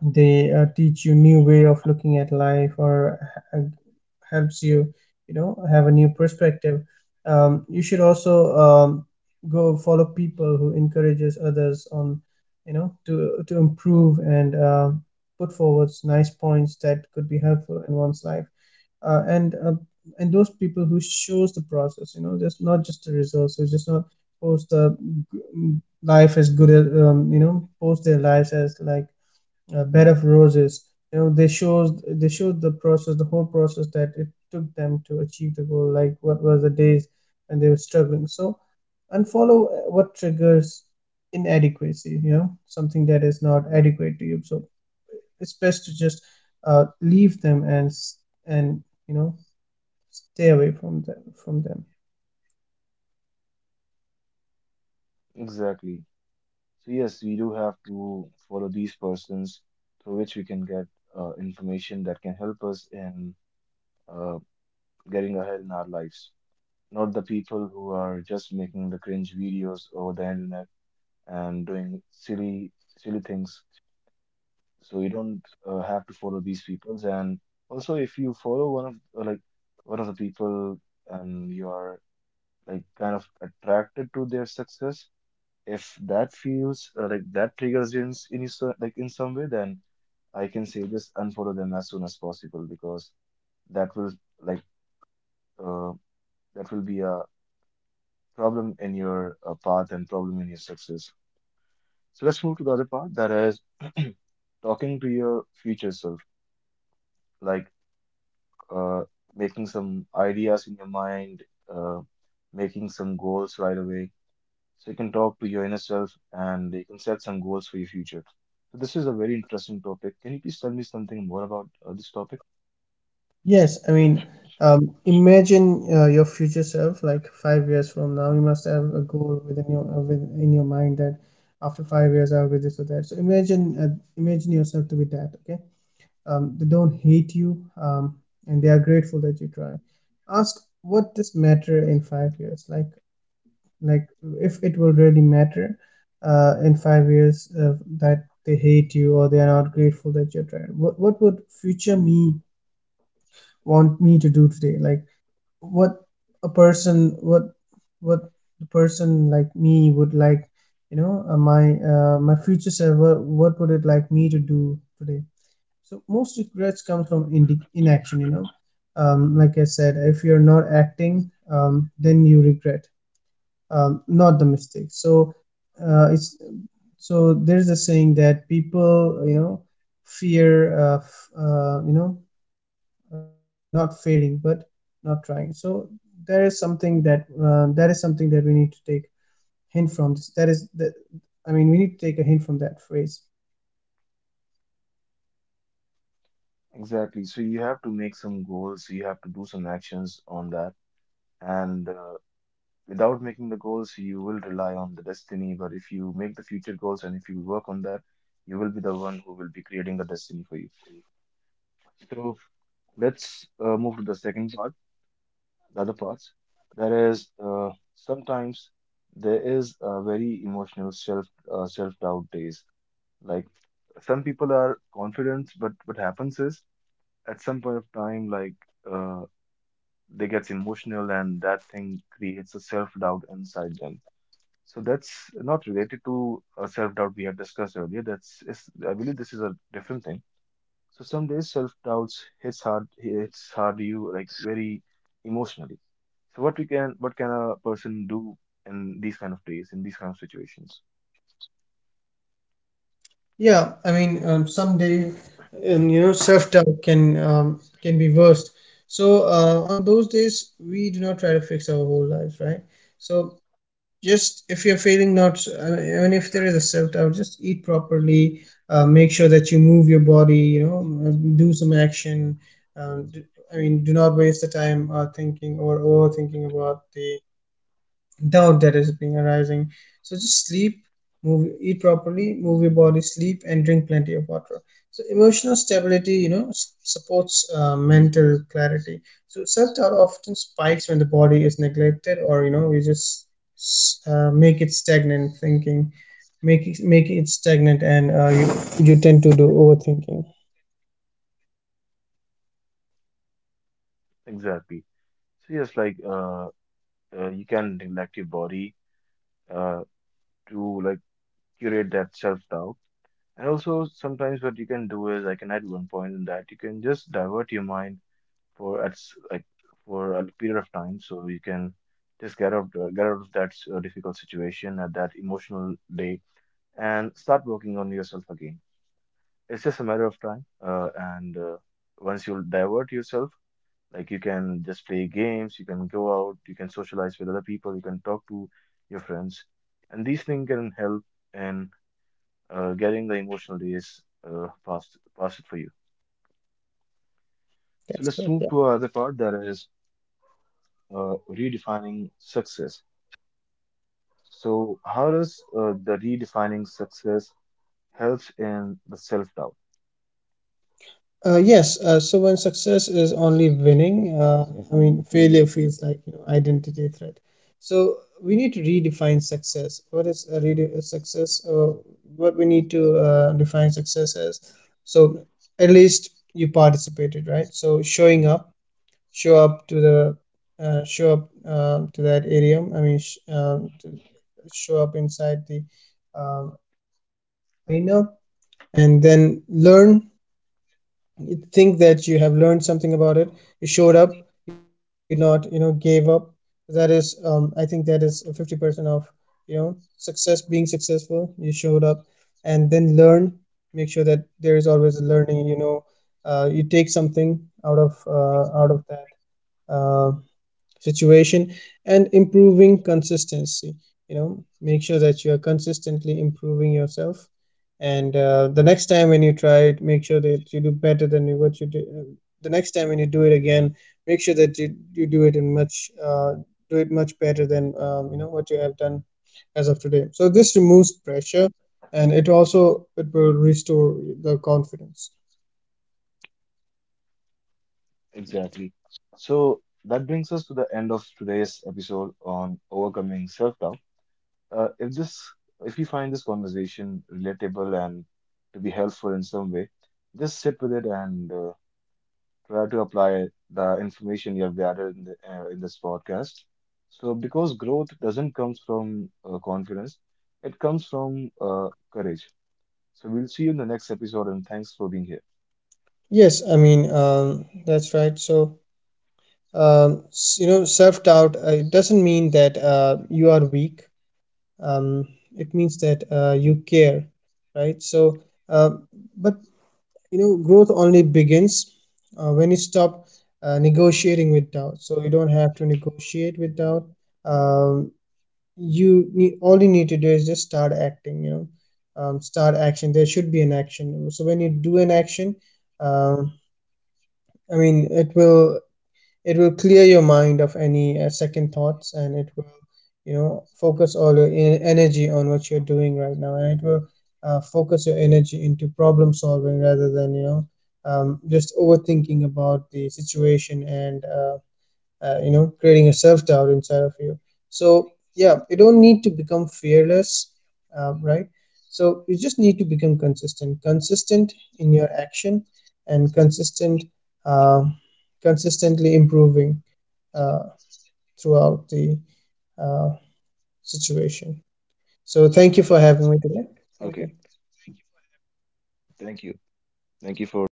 they teach you new way of looking at life or h- helps you, you know, have a new perspective. You should also go follow people who encourages others on, you know, to improve, and put forward nice points that could be helpful in one's life, uh, and uh, and those people who shows the process, you know, just not just the results. So just not post the g- life as good as, post their lives as like bed of roses. You know, they showed the process, the whole process that it took them to achieve the goal, like what were the days when they were struggling. So unfollow what triggers inadequacy, you know, something that is not adequate to you. So it's best to just leave them and, you know, stay away from them. exactly. So yes, we do have to follow these persons through which we can get information that can help us in uh, getting ahead in our lives. Not the people who are just making the cringe videos over the internet and doing silly silly things. So you don't have to follow these peoples, and also if you follow one of like one of the people, and you are like kind of attracted to their success, if that feels like that triggers you in, like in some way, then I can say just unfollow them as soon as possible, because that will like uh, that will be a problem in your path and problem in your success. So let's move to the other part, that is talking to your future self, like uh, making some ideas in your mind, uh, making some goals right away. So you can talk to your inner self and you can set some goals for your future. So this is a very interesting topic. Can you please tell me something more about this topic? Yes, I mean, imagine your future self like 5 years from now. You must have a goal within your, within your mind that after 5 years I'll be this or that. So imagine yourself to be that. Okay, they don't hate you, and they are grateful that you try. Ask what this matter in 5 years? Like if it will really matter in 5 years, that they hate you or they are not grateful that you're trying. What would future me want me to do today? Like what a person what what the person like me would like, you know, my future self, what would it like me to do today? So most regrets come from inaction, you know. Like I said, if you're not acting, then you regret, not the mistake. So uh, it's so there's a saying that people, you know, fear not failing but not trying. So there is something that, that is something that we need to take hint from this, that is the, I mean, we need to take a hint from that phrase. Exactly. So you have to make some goals, you have to do some actions on that. And without making the goals, you will rely on the destiny. But if you make the future goals and if you work on that, you will be the one who will be creating the destiny for you. So let's move to the second part, the other parts. That is, sometimes there is a very emotional self doubt days. Like some people are confident, but what happens is at some point of time, like uh, they gets emotional, and that thing creates a self doubt inside them. So that's not related to self-doubt we had discussed earlier. That's is I believe this is a different thing. So some days self-doubts hits hard you like very emotionally. So what we can what can a person do in these kind of days, in these kind of situations? Yeah, I mean, someday, you know, self-doubt can be worst. So on those days we do not try to fix our whole lives, right? So just if you're feeling, not, I mean, even if there is a self doubt, just eat properly. Make sure that you move your body, you know, do some action. um, d- I mean, do not waste the time thinking or overthinking about the doubt that is being arising. So just sleep, move, eat properly, move your body, sleep, and drink plenty of water. So emotional stability, you know, supports mental clarity. So self doubt often spikes when the body is neglected, or, you know, you just make it stagnant thinking, make it stagnant, and you you tend to do overthinking. Exactly. So yes, like you can neglect your body uh to like curate that self-doubt. And also sometimes what you can do is I can add one point in that you can just divert your mind like for a period of time, so you can just get out of that difficult situation at that emotional day, and start working on yourself again. It's just a matter of time, and once you divert yourself, like you can just play games, you can go out, you can socialize with other people, you can talk to your friends, and these things can help in getting the emotional days past it for you. That's correct. So let's move to another part, that is redefining success. So how does the redefining success helps in the self-doubt? Yes, so when success is only winning, I mean, failure feels like, you know, identity threat. So we need to redefine success. What is a a success? What we need to define success as? So at least you participated, right? So showing up, show up to the, show up to that area. I mean, to show up inside the arena, and then learn. Think that you have learned something about it. You showed up, you did not, you know, gave up. That is, I think that is 50% of, you know, success, being successful. You showed up and then learn. Make sure that there is always a learning, you know, you take something out of that uh, situation, and improving consistency, you know. Make sure that you are consistently improving yourself, and the next time when you try it, make sure that you do better than what you did. The next time when you do it again, make sure that you do it in much, do it much better than, you know, what you have done as of today. So this removes pressure, and it also, it will restore the confidence. Exactly. So that brings us to the end of today's episode on overcoming self-doubt. If this, if you find this conversation relatable and to be helpful in some way, just sit with it and try to apply the information you have gathered in, the, in this podcast. So, because growth doesn't come from confidence, it comes from courage. So we'll see you in the next episode, and thanks for being here. Yes, I mean, that's right. So you know, self doubt, it doesn't mean that you are weak, um, it means that you care, right? Uh, but, you know, growth only begins when you stop negotiating with doubt. So you don't have to negotiate with doubt. um, you need, all you need to do is just start acting, you know. Start action, there should be an action. So when you do an action, um, I mean, it will clear your mind of any second thoughts, and it will, you know, focus all your energy on what you're doing right now, and it will focus your energy into problem solving, rather than, you know, just overthinking about the situation, and you know, creating a self-doubt inside of you. So yeah, you don't need to become fearless, right? So you just need to become consistent in your action, and consistent, uh, consistently improving uh, throughout the uh, situation. So thank you for having me today. Okay. Thank you. Thank you. Thank you for being here. Thank you.